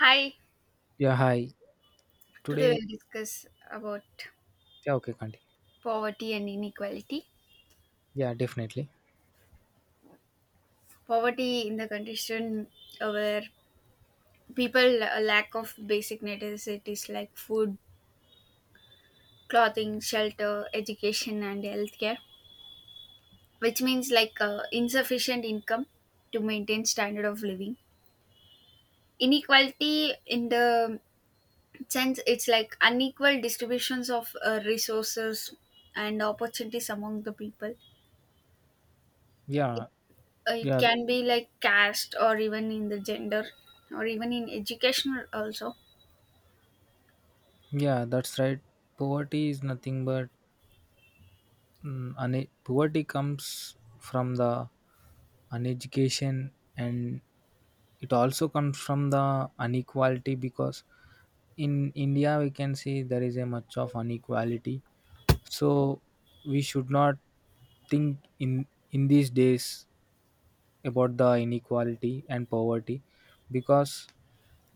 Hi, Yeah, hi. today Today, we'll discuss about yeah, okay, continue. poverty and inequality. Yeah, definitely. Poverty in the condition where people lack of basic necessities like food, clothing, shelter, education, and healthcare, which means like insufficient income to maintain standard of living. Inequality in the sense it's like unequal distributions of resources and opportunities among the people. It Yeah, it yeah, can be like caste or even in the gender, or even in educational also. yeah, that's right. Poverty is nothing but poverty comes from the uneducation, and it also comes from the inequality, because in India we can see there is a much of inequality. So we should not think in these days about the inequality and poverty, because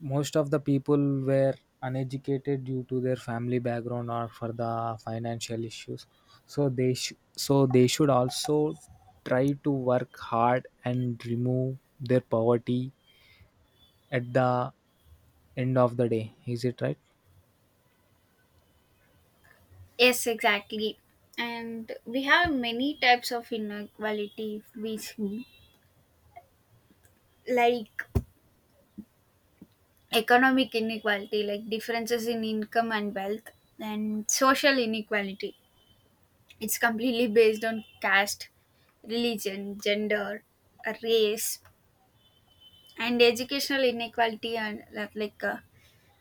most of the people were uneducated due to their family background or for the financial issues, so so they should also try to work hard and remove their poverty at the end of the day, is it right? Yes, exactly, and we have many types of inequality if we see, like economic inequality like differences in income and wealth, and social inequality, it's completely based on caste, religion, gender, race, and educational inequality, and like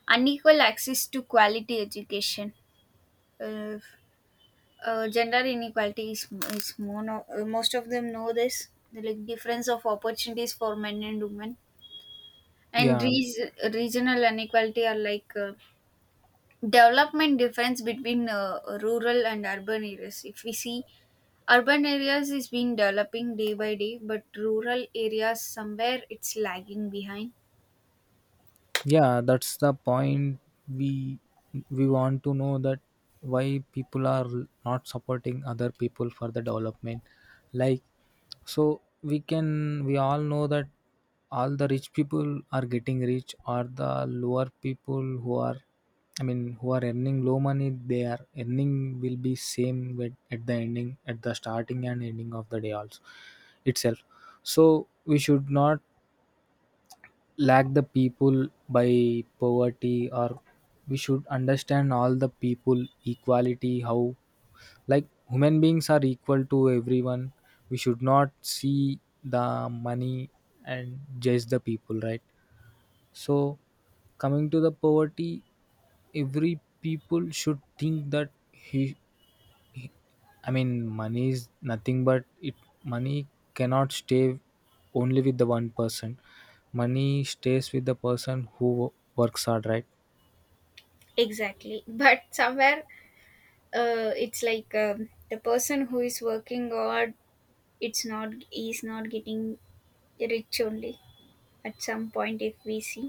unequal access to quality education. uh, Gender inequality is, most of them know this, the like difference of opportunities for men and women. And Yeah, regional inequality are like development difference between rural and urban areas, if we see urban areas is been developing day by day but rural areas somewhere it's lagging behind. yeah, that's the point. We we want to know that why people are not supporting other people for the development, like, so we all know that all the rich people are getting rich, or the lower people who are, I mean, who are earning low money, they are earning will be same with, at the starting and ending of the day also itself. So we should not lack the people by poverty, or we should understand all the people equality, how, like human beings are equal to everyone. We should not see the money and judge the people, right? So coming to the poverty, every people should think that he, I mean, money is nothing but it. Money cannot stay only with the one person. Money stays with the person who works hard, right? Exactly, but somewhere it's like the person who is working or. It's not, is not getting rich only at some point, if we see.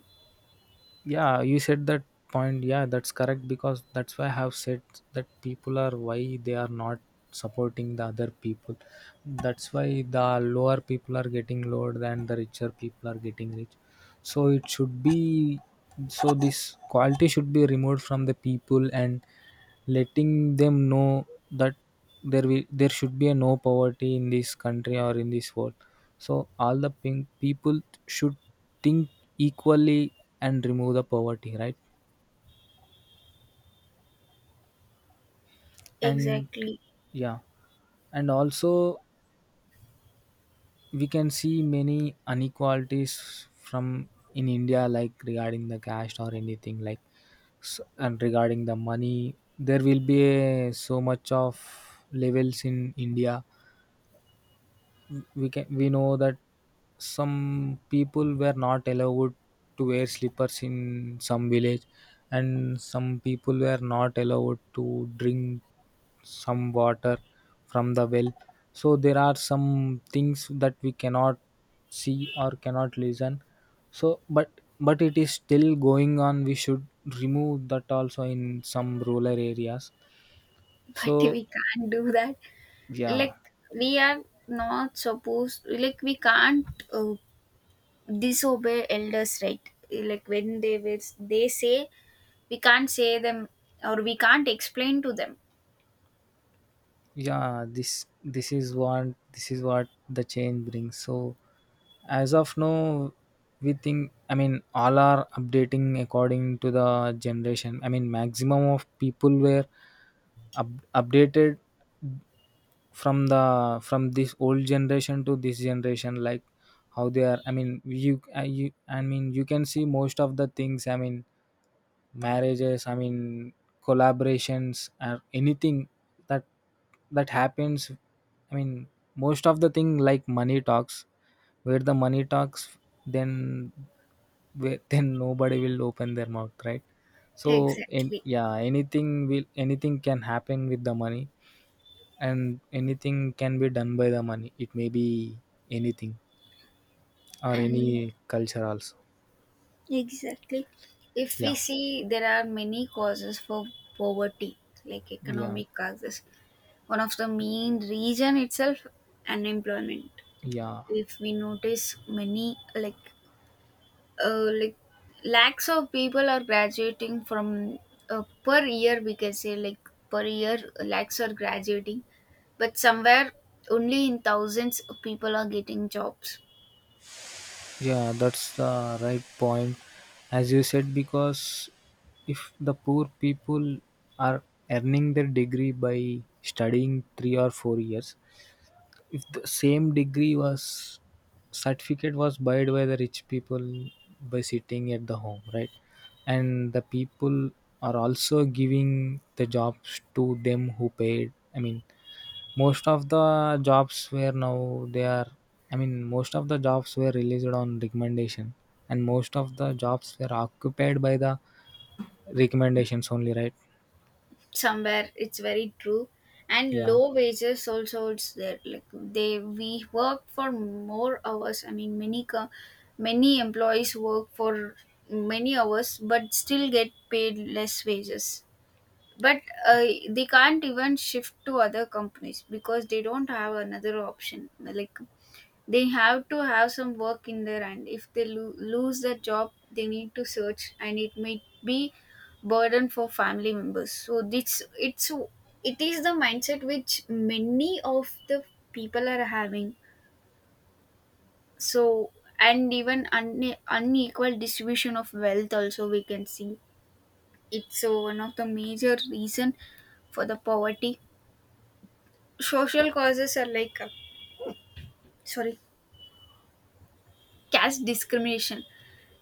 Yeah, you said that point, yeah, that's correct, because that's why I have said that people are, why they are not supporting the other people, that's why the lower people are getting lower than the richer people are getting rich. So it should be, so this quality should be removed from the people and letting them know that there should be a no poverty in this country or in this world. So all the pink people should think equally and remove the poverty, right? And Exactly. yeah, and also we can see many inequalities from in India, like regarding the caste or anything, like, and regarding the money, there will be a, so much of levels in India. We know that some people were not allowed to wear slippers in some village, and some people were not allowed to drink some water from the well. So there are some things that we cannot see or cannot listen, so but it is still going on, we should remove that also in some rural areas. But So, we can't do that. yeah, Like, we are not supposed, like, we can't uh, disobey elders, right? Like, when they will, they say, we can't say them or we can't explain to them. yeah, this is what the change brings. So as of now, we think, I mean, all are updating according to the generation, I mean, maximum of people were up, updated from the from this old generation to this generation, like how they are, I mean, you, I mean, you can see most of the things, I mean, marriages, I mean, collaborations or anything that that happens, I mean, most of the thing like money talks, where the money talks, then where, then nobody will open their mouth, right? So in, Exactly. yeah, anything can happen with the money, and anything can be done by the money, it may be anything, or And any culture also. exactly, if we Yeah, see, there are many causes for poverty, like yeah, economic causes. One of the main reason itself, unemployment. yeah. If we notice many, like lakhs of people are graduating from per year, we can say, like per year lakhs are graduating, but somewhere only in thousands of people are getting jobs. Yeah, that's the right point, as you said, because if the poor people are earning their degree by studying 3 or 4 years, if the same degree was certificate was buy by the rich people by sitting at the home, right? And the people are also giving the jobs to them who paid. I mean, most of the jobs were now they are, I mean, most of the jobs were released on recommendation, and most of the jobs were occupied by the recommendations only, right? Somewhere it's very true. And Yeah. low wages also it's there, like they, we work for more hours, I mean many many employees work for many hours but still get paid less wages. But they can't even shift to other companies because they don't have another option, like they have to have some work in their, and if they lose their job they need to search, and it may be burden for family members. So this it's, it is the mindset which many of the people are having. So, and even unequal distribution of wealth also we can see, it's one of the major reason for the poverty. Social causes are like sorry, caste discrimination.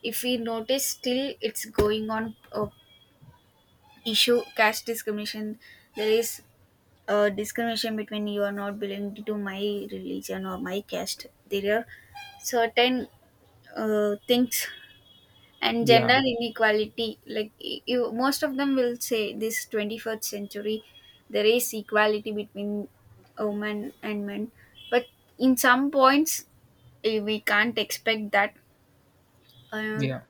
If we notice, still it's going on, issue caste discrimination. There is discrimination between, you are not belonging to my religion or my caste, there are certain things. And Yeah. gender inequality, like you, most of them will say, this 21st century there is equality between women and men, but in some points, we can't expect that. uh, Yeah.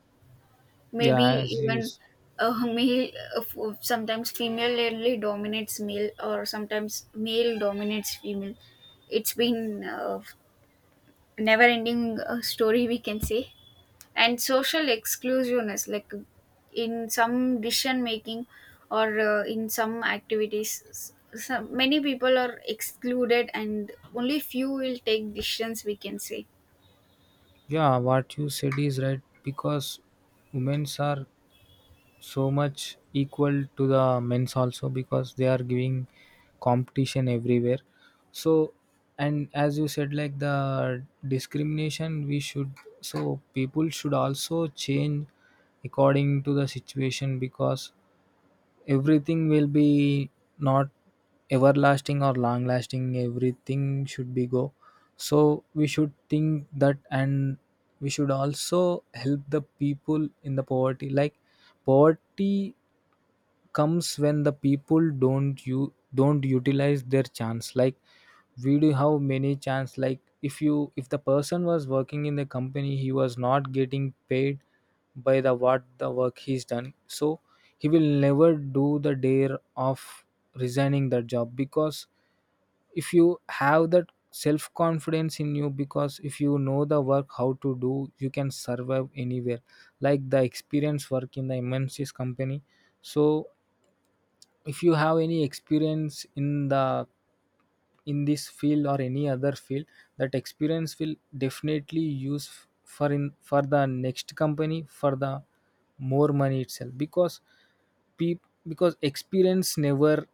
Yeah. Maybe As you, even s- a male, sometimes female only dominates male or sometimes male dominates female. It's been a never ending story, we can say. And social exclusiveness, like in some decision making or in some activities, some, many people are excluded and only few will take decisions, we can say. yeah, what you said is right, because women's are so much equal to the men's also, because they are giving competition everywhere. So, and as you said, like the discrimination, we should, so people should also change according to the situation, because everything will be not everlasting or long lasting, everything should be go. So we should think that, and we should also help the people in the poverty, like poverty comes when the people don't, you don't utilize their chance, like we do have many chance, like if the person was working in the company, he was not getting paid by the what the work he's done. So he will never do the dare of resigning the job, because if you have that self confidence in you, because if you know the work how to do, you can survive anywhere, like the experienced work in the MNC's company. So if you have any experience in the in this field or any other field, that experience will definitely use for the next company, for the more money itself, because peop, because experience never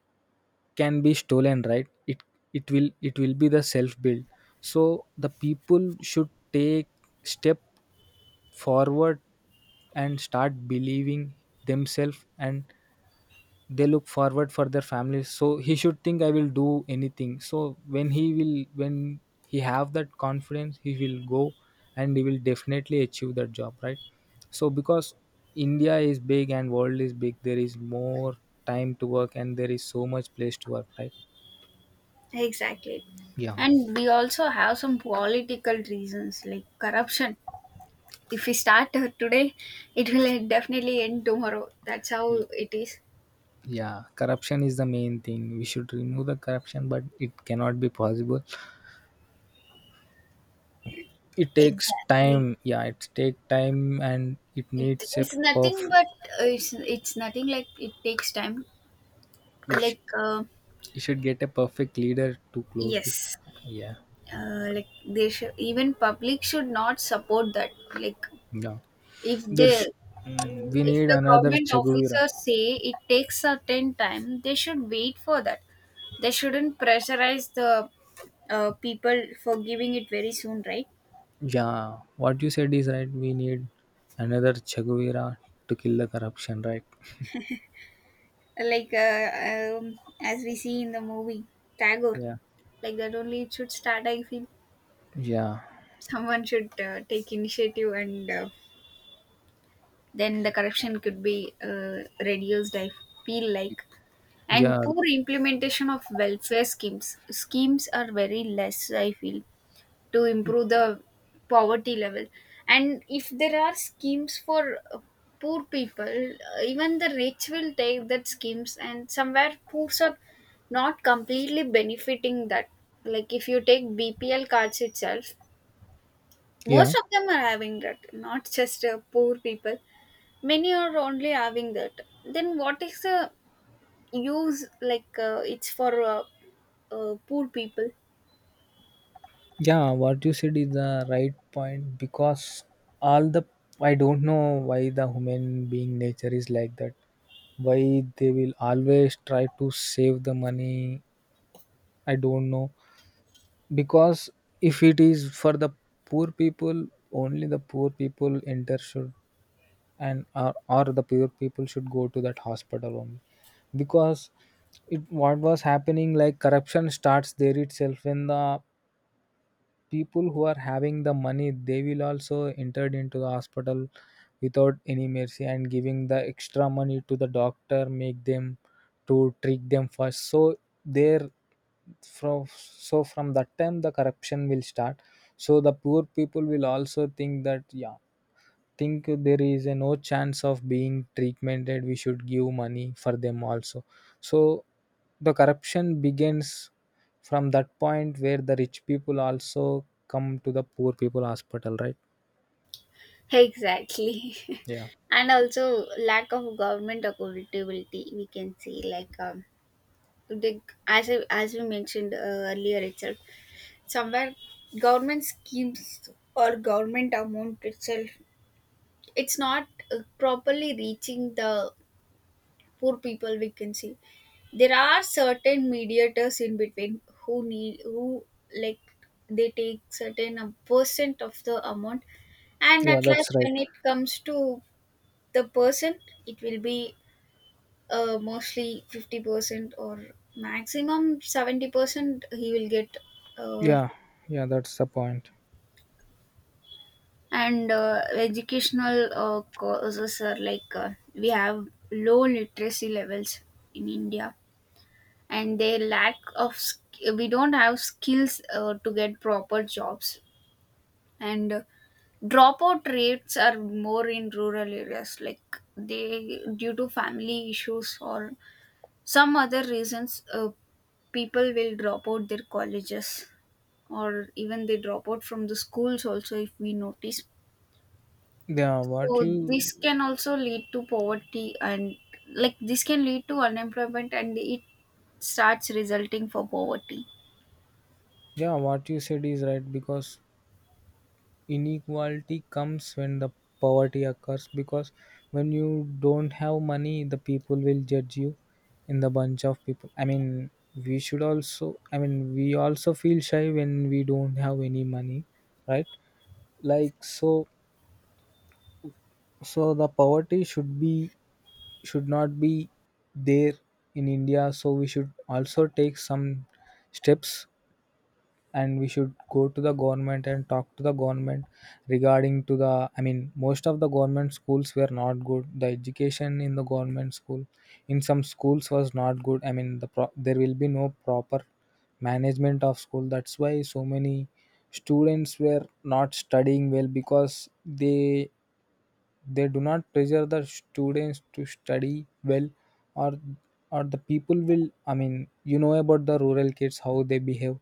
can be stolen, right? It will be the self build. So the people should take step forward and start believing themselves, and they look forward for their families, so he should think, I will do anything. So when he have that confidence he will go, and he will definitely achieve that job, right? So because India is big and world is big, there is more time to work, and there is so much place to work, right? Exactly, Yeah. and we also have some political reasons like corruption. If we start today, it will definitely end tomorrow. That's how Mm. it is. Yeah, corruption is the main thing, we should remove the corruption, but it cannot be possible, it takes Exactly. time. Yeah, it take time, and it It, needs a it's nothing perfect. but it's nothing, like it takes time. Like You should get a perfect leader to close this. yes, Yeah. Like they should, even public should not support that. Like Yeah. if they There's, we if need the another government Che Guevara. officers say it takes certain time, they should wait for that. They shouldn't pressurize the people for giving it very soon, right? Yeah. What you said is right. We need another Che Guevara to kill the corruption, right? Like as we see in the movie Tagore, Yeah. like that only it should start, I feel. Yeah. Someone should take initiative, and then the corruption could be reduced, I feel like. Yeah. And poor implementation of welfare schemes. Schemes are very less, I feel, to improve the poverty level. And if there are schemes for poor people, even the rich will take that schemes, and somewhere poor are not completely benefiting that. Like if you take bpl cards itself, Yeah. most of them are having that, not just poor people, many are only having that. Then what is the use, like it's for poor people. Yeah. What you said is the right point, because all the I don't know why the human being nature is like that. Why they will always try to save the money. I don't know. Because if it is for the poor people, only the poor people enter should, and, or the poor people should go to that hospital only. Because it what was happening, like corruption starts there itself when the people who are having the money, they will also entered into the hospital without any mercy and giving the extra money to the doctor, make them to trick them first. So there, from so from that time the corruption will start. So the poor people will also think that, yeah, think there is a no chance of being treatmented, we should give money for them also. So the corruption begins from that point where the rich people also come to the poor people hospital, right? Exactly. Yeah. And also lack of government accountability we can see, like the, as we mentioned earlier itself, somewhere government schemes or government amount itself, it's not properly reaching the poor people, we can see. There are certain mediators in between who need, who like, they take certain percent of the amount, and Yeah, at that's last right. when it comes to the person, it will be mostly 50% or maximum 70% he will get. uh, Yeah, yeah, that's the point. and educational causes are like we have low literacy levels in india, and they lack of we don't have skills to get proper jobs. And dropout rates are more in rural areas, like they, due to family issues or some other reasons, people will drop out their colleges, or even they drop out from the schools also, if we notice. yeah what So this you can also lead to poverty, and like this can lead to unemployment, and it starts resulting for poverty. yeah, what you said is right, because inequality comes when the poverty occurs, because when you don't have money the people will judge you in the bunch of people, I mean, we should also, I mean, we also feel shy when we don't have any money, right? Like, so, so the poverty should be, should not be there in India. So we should also take some steps, and we should go to the government and talk to the government regarding to the, I mean, most of the government schools were not good. The education in the government school in some schools was not good. I mean, the there will be no proper management of school. That's why so many students were not studying well, because they do not pressure the students to study well, or or the people will. I mean, you know about the rural kids how they behave,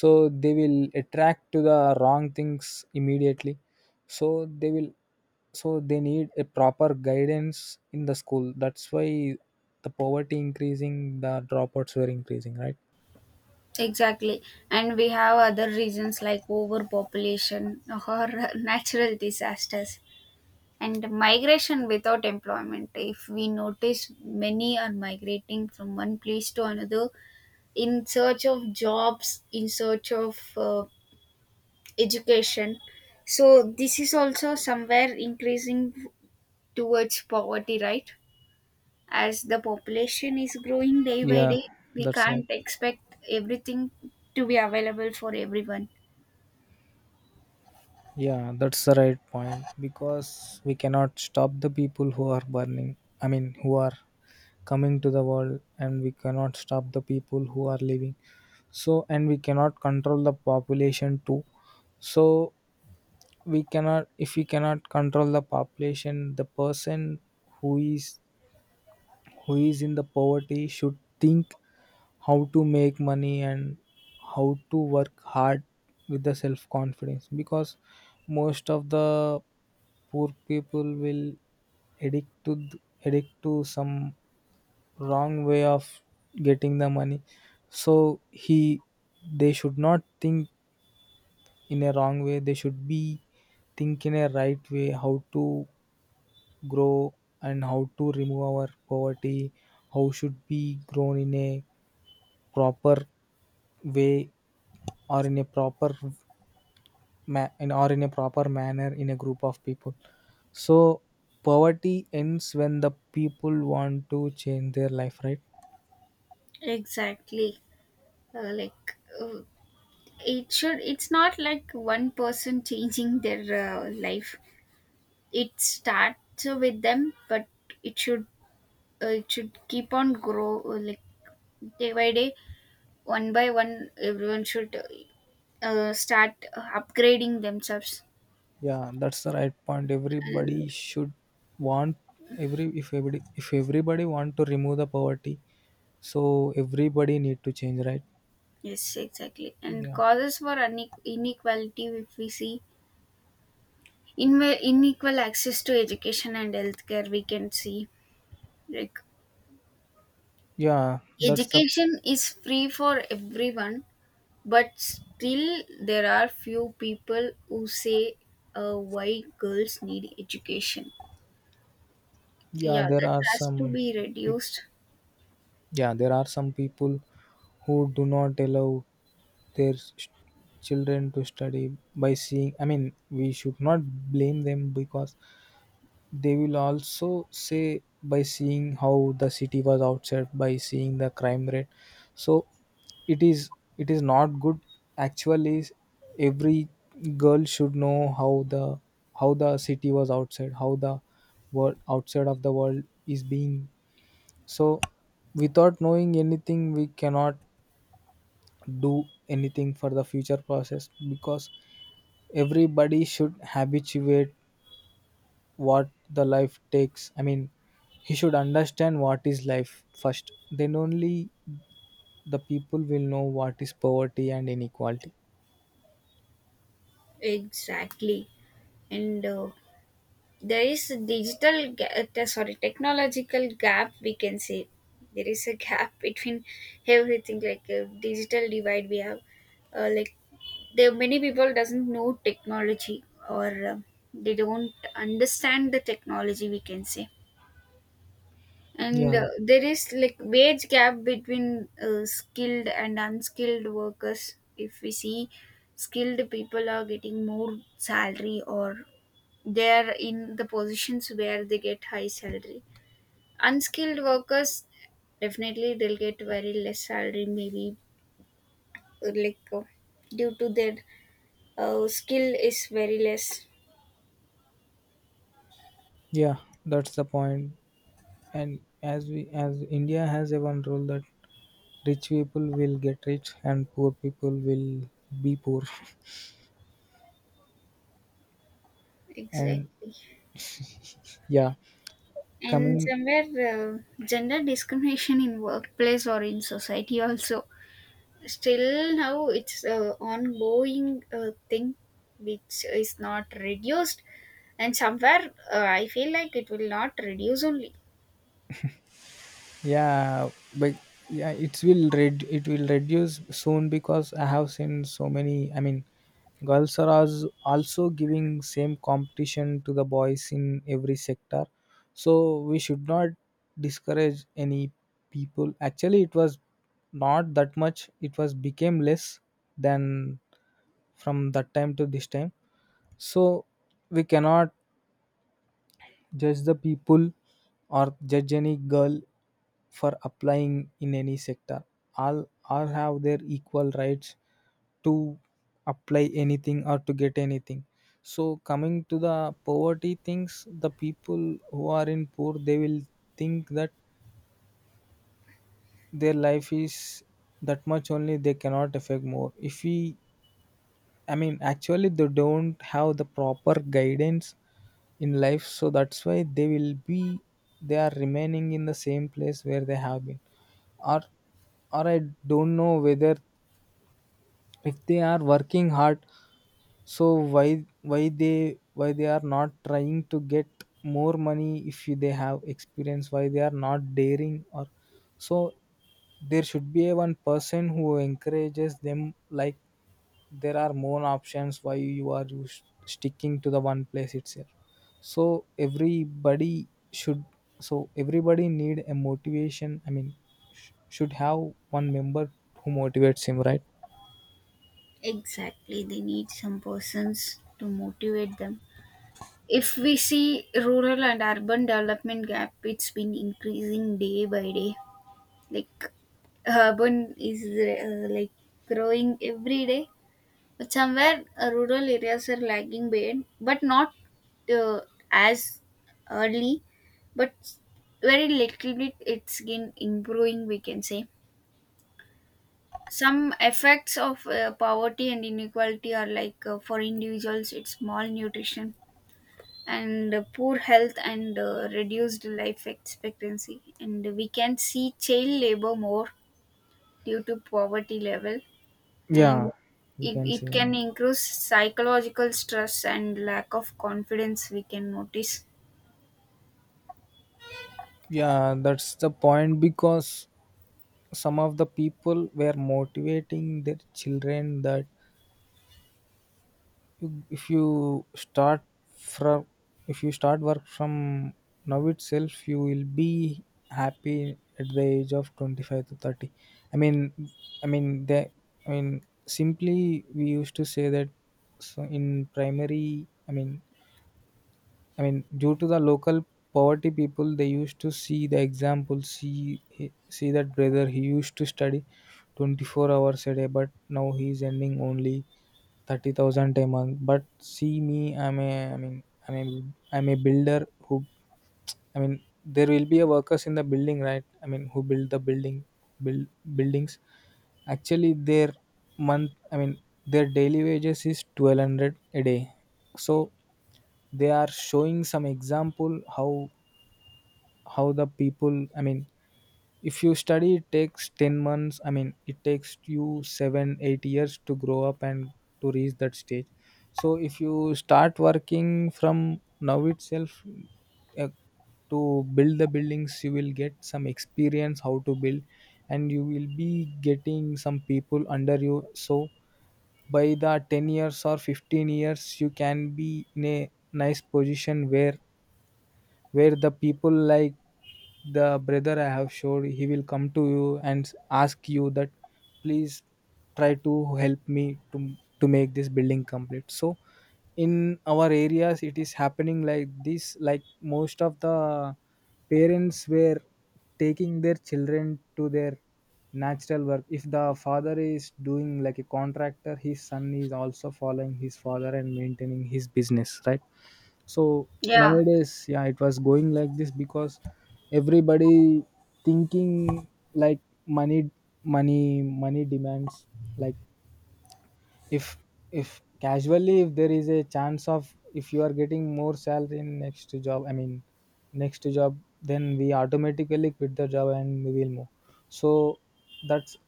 so they will attract to the wrong things immediately. So they will. So they need a proper guidance in the school. That's why the poverty increasing, the dropouts were increasing, right? Exactly. And we have other reasons like overpopulation or natural disasters and migration without employment. If we notice, many are migrating from one place to another in search of jobs, in search of education. So this is also somewhere increasing towards poverty, right? As the population is growing day by Yeah, day, we that's right. can't expect everything to be available for everyone. Yeah, that's the right point, because we cannot stop the people who are burning. I mean, who are coming to the world, and we cannot stop the people who are living. So, and we cannot control the population too. So we cannot, if we cannot control the population, the person who is, who is in the poverty should think how to make money and how to work hard with the self confidence, because most of the poor people will addict to th- addict to some wrong way of getting the money. So he, they should not think in a wrong way, they should be think in a right way how to grow and how to remove our poverty, how should be grown in a proper way, or in a proper, or in a proper manner in a group of people. So poverty ends when the people want to change their life, right? Exactly. Like it should, it's not like one person changing their life. It starts with them, but it should it should keep on grow, like day by day, one by one, everyone should start upgrading themselves. Yeah, that's the right point. And Everybody should want every if everybody want to remove the poverty, so everybody need to change, right? yes, exactly, and Yeah, causes for inequality, if we see, in unequal access to education and healthcare we can see, like yeah, that's the education is free for everyone, but still there are few people who say why girls need education. yeah. Yeah, There that are has to some, be peop- reduced. Yeah, there are some people who do not allow their children to study by seeing. I mean, we should not blame them because they will also say by seeing how the city was outside, by seeing the crime rate, so it is it is not good actually. Every girl should know how the city was outside, how the world outside of the world is being. So without knowing anything, we cannot do anything for the future process, because everybody should habituate what the life takes. I mean, he should understand what is life first, then only the people will know what is poverty and inequality. Exactly. And there is a sorry, technological gap we can say. There is a gap between everything, like a digital divide we have, like there many people doesn't know technology, or they don't understand the technology, we can say. And Yeah. there is like wage gap between skilled and unskilled workers, if we see, skilled people are getting more salary, or they are in the positions where they get high salary. Unskilled workers, definitely they'll get very less salary, maybe like due to their skill is very less. Yeah, that's the point. And as India has a one rule that rich people will get rich and poor people will be poor. And Exactly. yeah, And coming somewhere gender discrimination in workplace or in society also, still now it's a ongoing thing, which is not reduced. And somewhere I feel like it will not reduce only. yeah, but yeah, it will reduce soon, because I have seen so many. I mean, girls are also giving same competition to the boys in every sector, so we should not discourage any people. Actually, it was not that much, it was became less than, from that time to this time. So we cannot judge the people or judge any girl for applying in any sector. All have their equal rights to apply anything or to get anything. So coming to the poverty things, the people who are in poor, they will think that their life is that much only, they cannot affect more. If we I mean, actually, they don't have the proper guidance in life, so that's why they will be they are remaining in the same place where they have been, or or I don't know whether if they are working hard. So why they are not trying to get more money. If they have experience, why they are not daring? Or so there should be a one person who encourages them, like there are more options, why you are sticking to the one place itself. So everybody should so everybody need a motivation. I mean, should have one member who motivates him, right? Exactly, they need some persons to motivate them. If we see rural and urban development gap, it's been increasing day by day. Like urban is like growing every day. But somewhere rural areas are lagging behind, but not uh, as early, but very little bit it's been improving, we can say. Some effects of poverty and inequality are, like for individuals, it's malnutrition and poor health and reduced life expectancy. And we can see child labor more due to poverty level. And Yeah, we it, can say it can more. increase psychological stress and lack of confidence, we can notice. Yeah, that's the point, because some of the people were motivating their children that you- if you start from if you start work from now itself, you will be happy at the age of 25 to 30. I mean i mean they i mean simply we used to say that. So in primary i mean I mean, due to the local poverty people, they used to see the example, see that brother. He used to study 24 hours a day, but now he is earning only 30,000 a month. But see me, I'm a, I mean, I'm a builder who, I mean, there will be a workers in the building, right? I mean, who build buildings. Actually, I mean, their daily wages is 1200 a day. So they are showing some example how the people. I mean, if you study, it takes 10 months. I mean, it takes you 7 8 years to grow up and to reach that stage. So if you start working from now itself, uh, to build the buildings, you will get some experience how to build, and you will be getting some people under you. So by the 10 years or 15 years, you can be in a nice position where the people like the brother I have showed, he will come to you and ask you that please try to help me to make this building complete. So in our areas it is happening like this, like most of the parents were taking their children to their natural work. If the father is doing like a contractor, his son is also following his father and maintaining his business, right? So Yeah. nowadays, yeah, it was going like this because everybody thinking like money, money, money demands. Like, if if casually, if there is a chance of, if you are getting more salary in next job, I mean, next job, then we automatically quit the job and we will move. So that's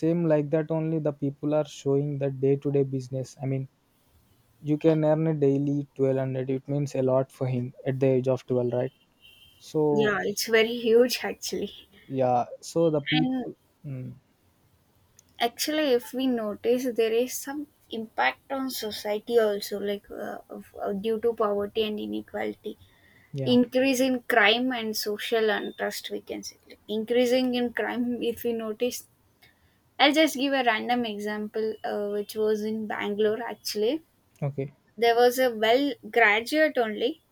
same like that only. The people are showing the day to day business. I mean, you can earn a daily 1200, it means a lot for him at the age of 12, right? So Yeah, it's very huge actually. yeah, so the people. And Mm, actually, if we notice, there is some impact on society also, like due to poverty and inequality, yeah. increase in crime and social unrest, we can say. Like increasing in crime, if we notice, I'll just give a random example which was in bangalore actually. Okay, There was a well graduate only.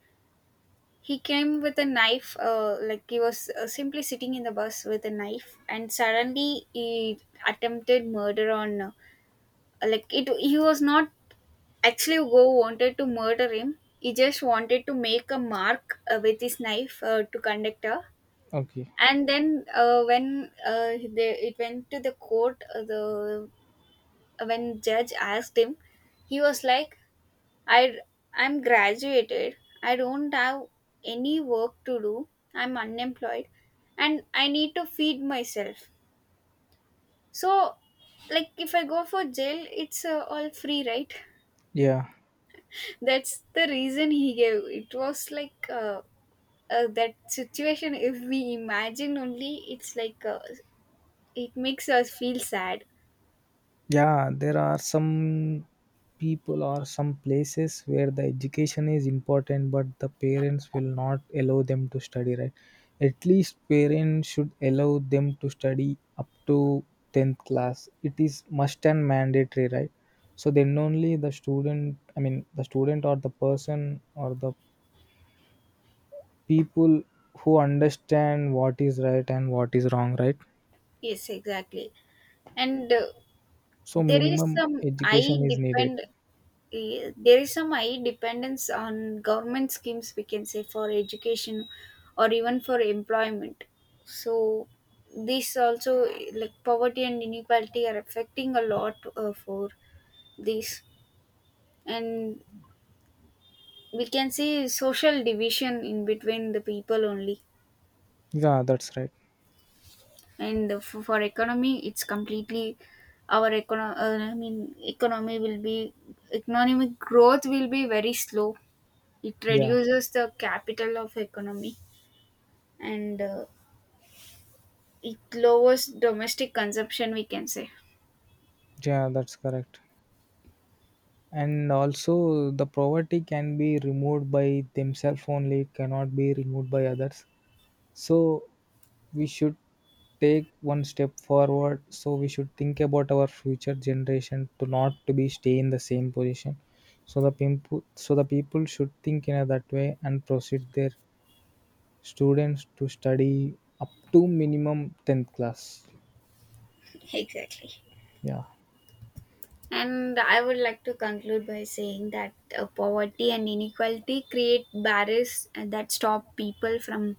He came with a knife, like he was simply sitting in the bus with a knife, and suddenly he attempted murder on like it, he was not actually go wanted to murder him, he just wanted to make a mark with his knife to conductor. okay. And then when they, it went to the court, the when judge asked him, he was like, I I'm graduated. I don't have any work to do. I'm unemployed and I need to feed myself. So, like if I go for jail, it's all free, right? Yeah, That's the reason he gave. It was like that situation. If we imagine only, it's like it makes us feel sad. yeah, there are some people or some places where the education is important, but the parents will not allow them to study, right? At least parents should allow them to study up to 10th class, it is must and mandatory, right? So then only the student, I mean, the student or the person or the people, who understand what is right and what is wrong, right? Yes, exactly. And So there is minimum some. Education is needed. depend. There is some high dependence on government schemes, we can say, for education or even for employment. So this also, like poverty and inequality are affecting a lot for this. And we can see social division in between the people only. Yeah, that's right. And for economy, it's completely, our economy will be, economic growth will be very slow. It Yeah, reduces the capital of economy, and it lowers domestic consumption, we can say. yeah, that's correct. And also, the poverty can be removed by themselves only, it cannot be removed by others. So, we should take one step forward. So, we should think about our future generation to not to be stay in the same position. So the people should think in a that way and proceed their students to study up to minimum 10th class. Exactly. Yeah, And I would like to conclude by saying that poverty and inequality create barriers that stop people from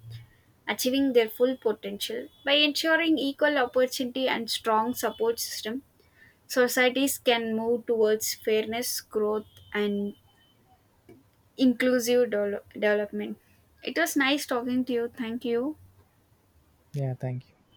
achieving their full potential. By ensuring equal opportunity and strong support system, societies can move towards fairness, growth, and inclusive development. It was nice talking to you. Thank you. yeah, thank you.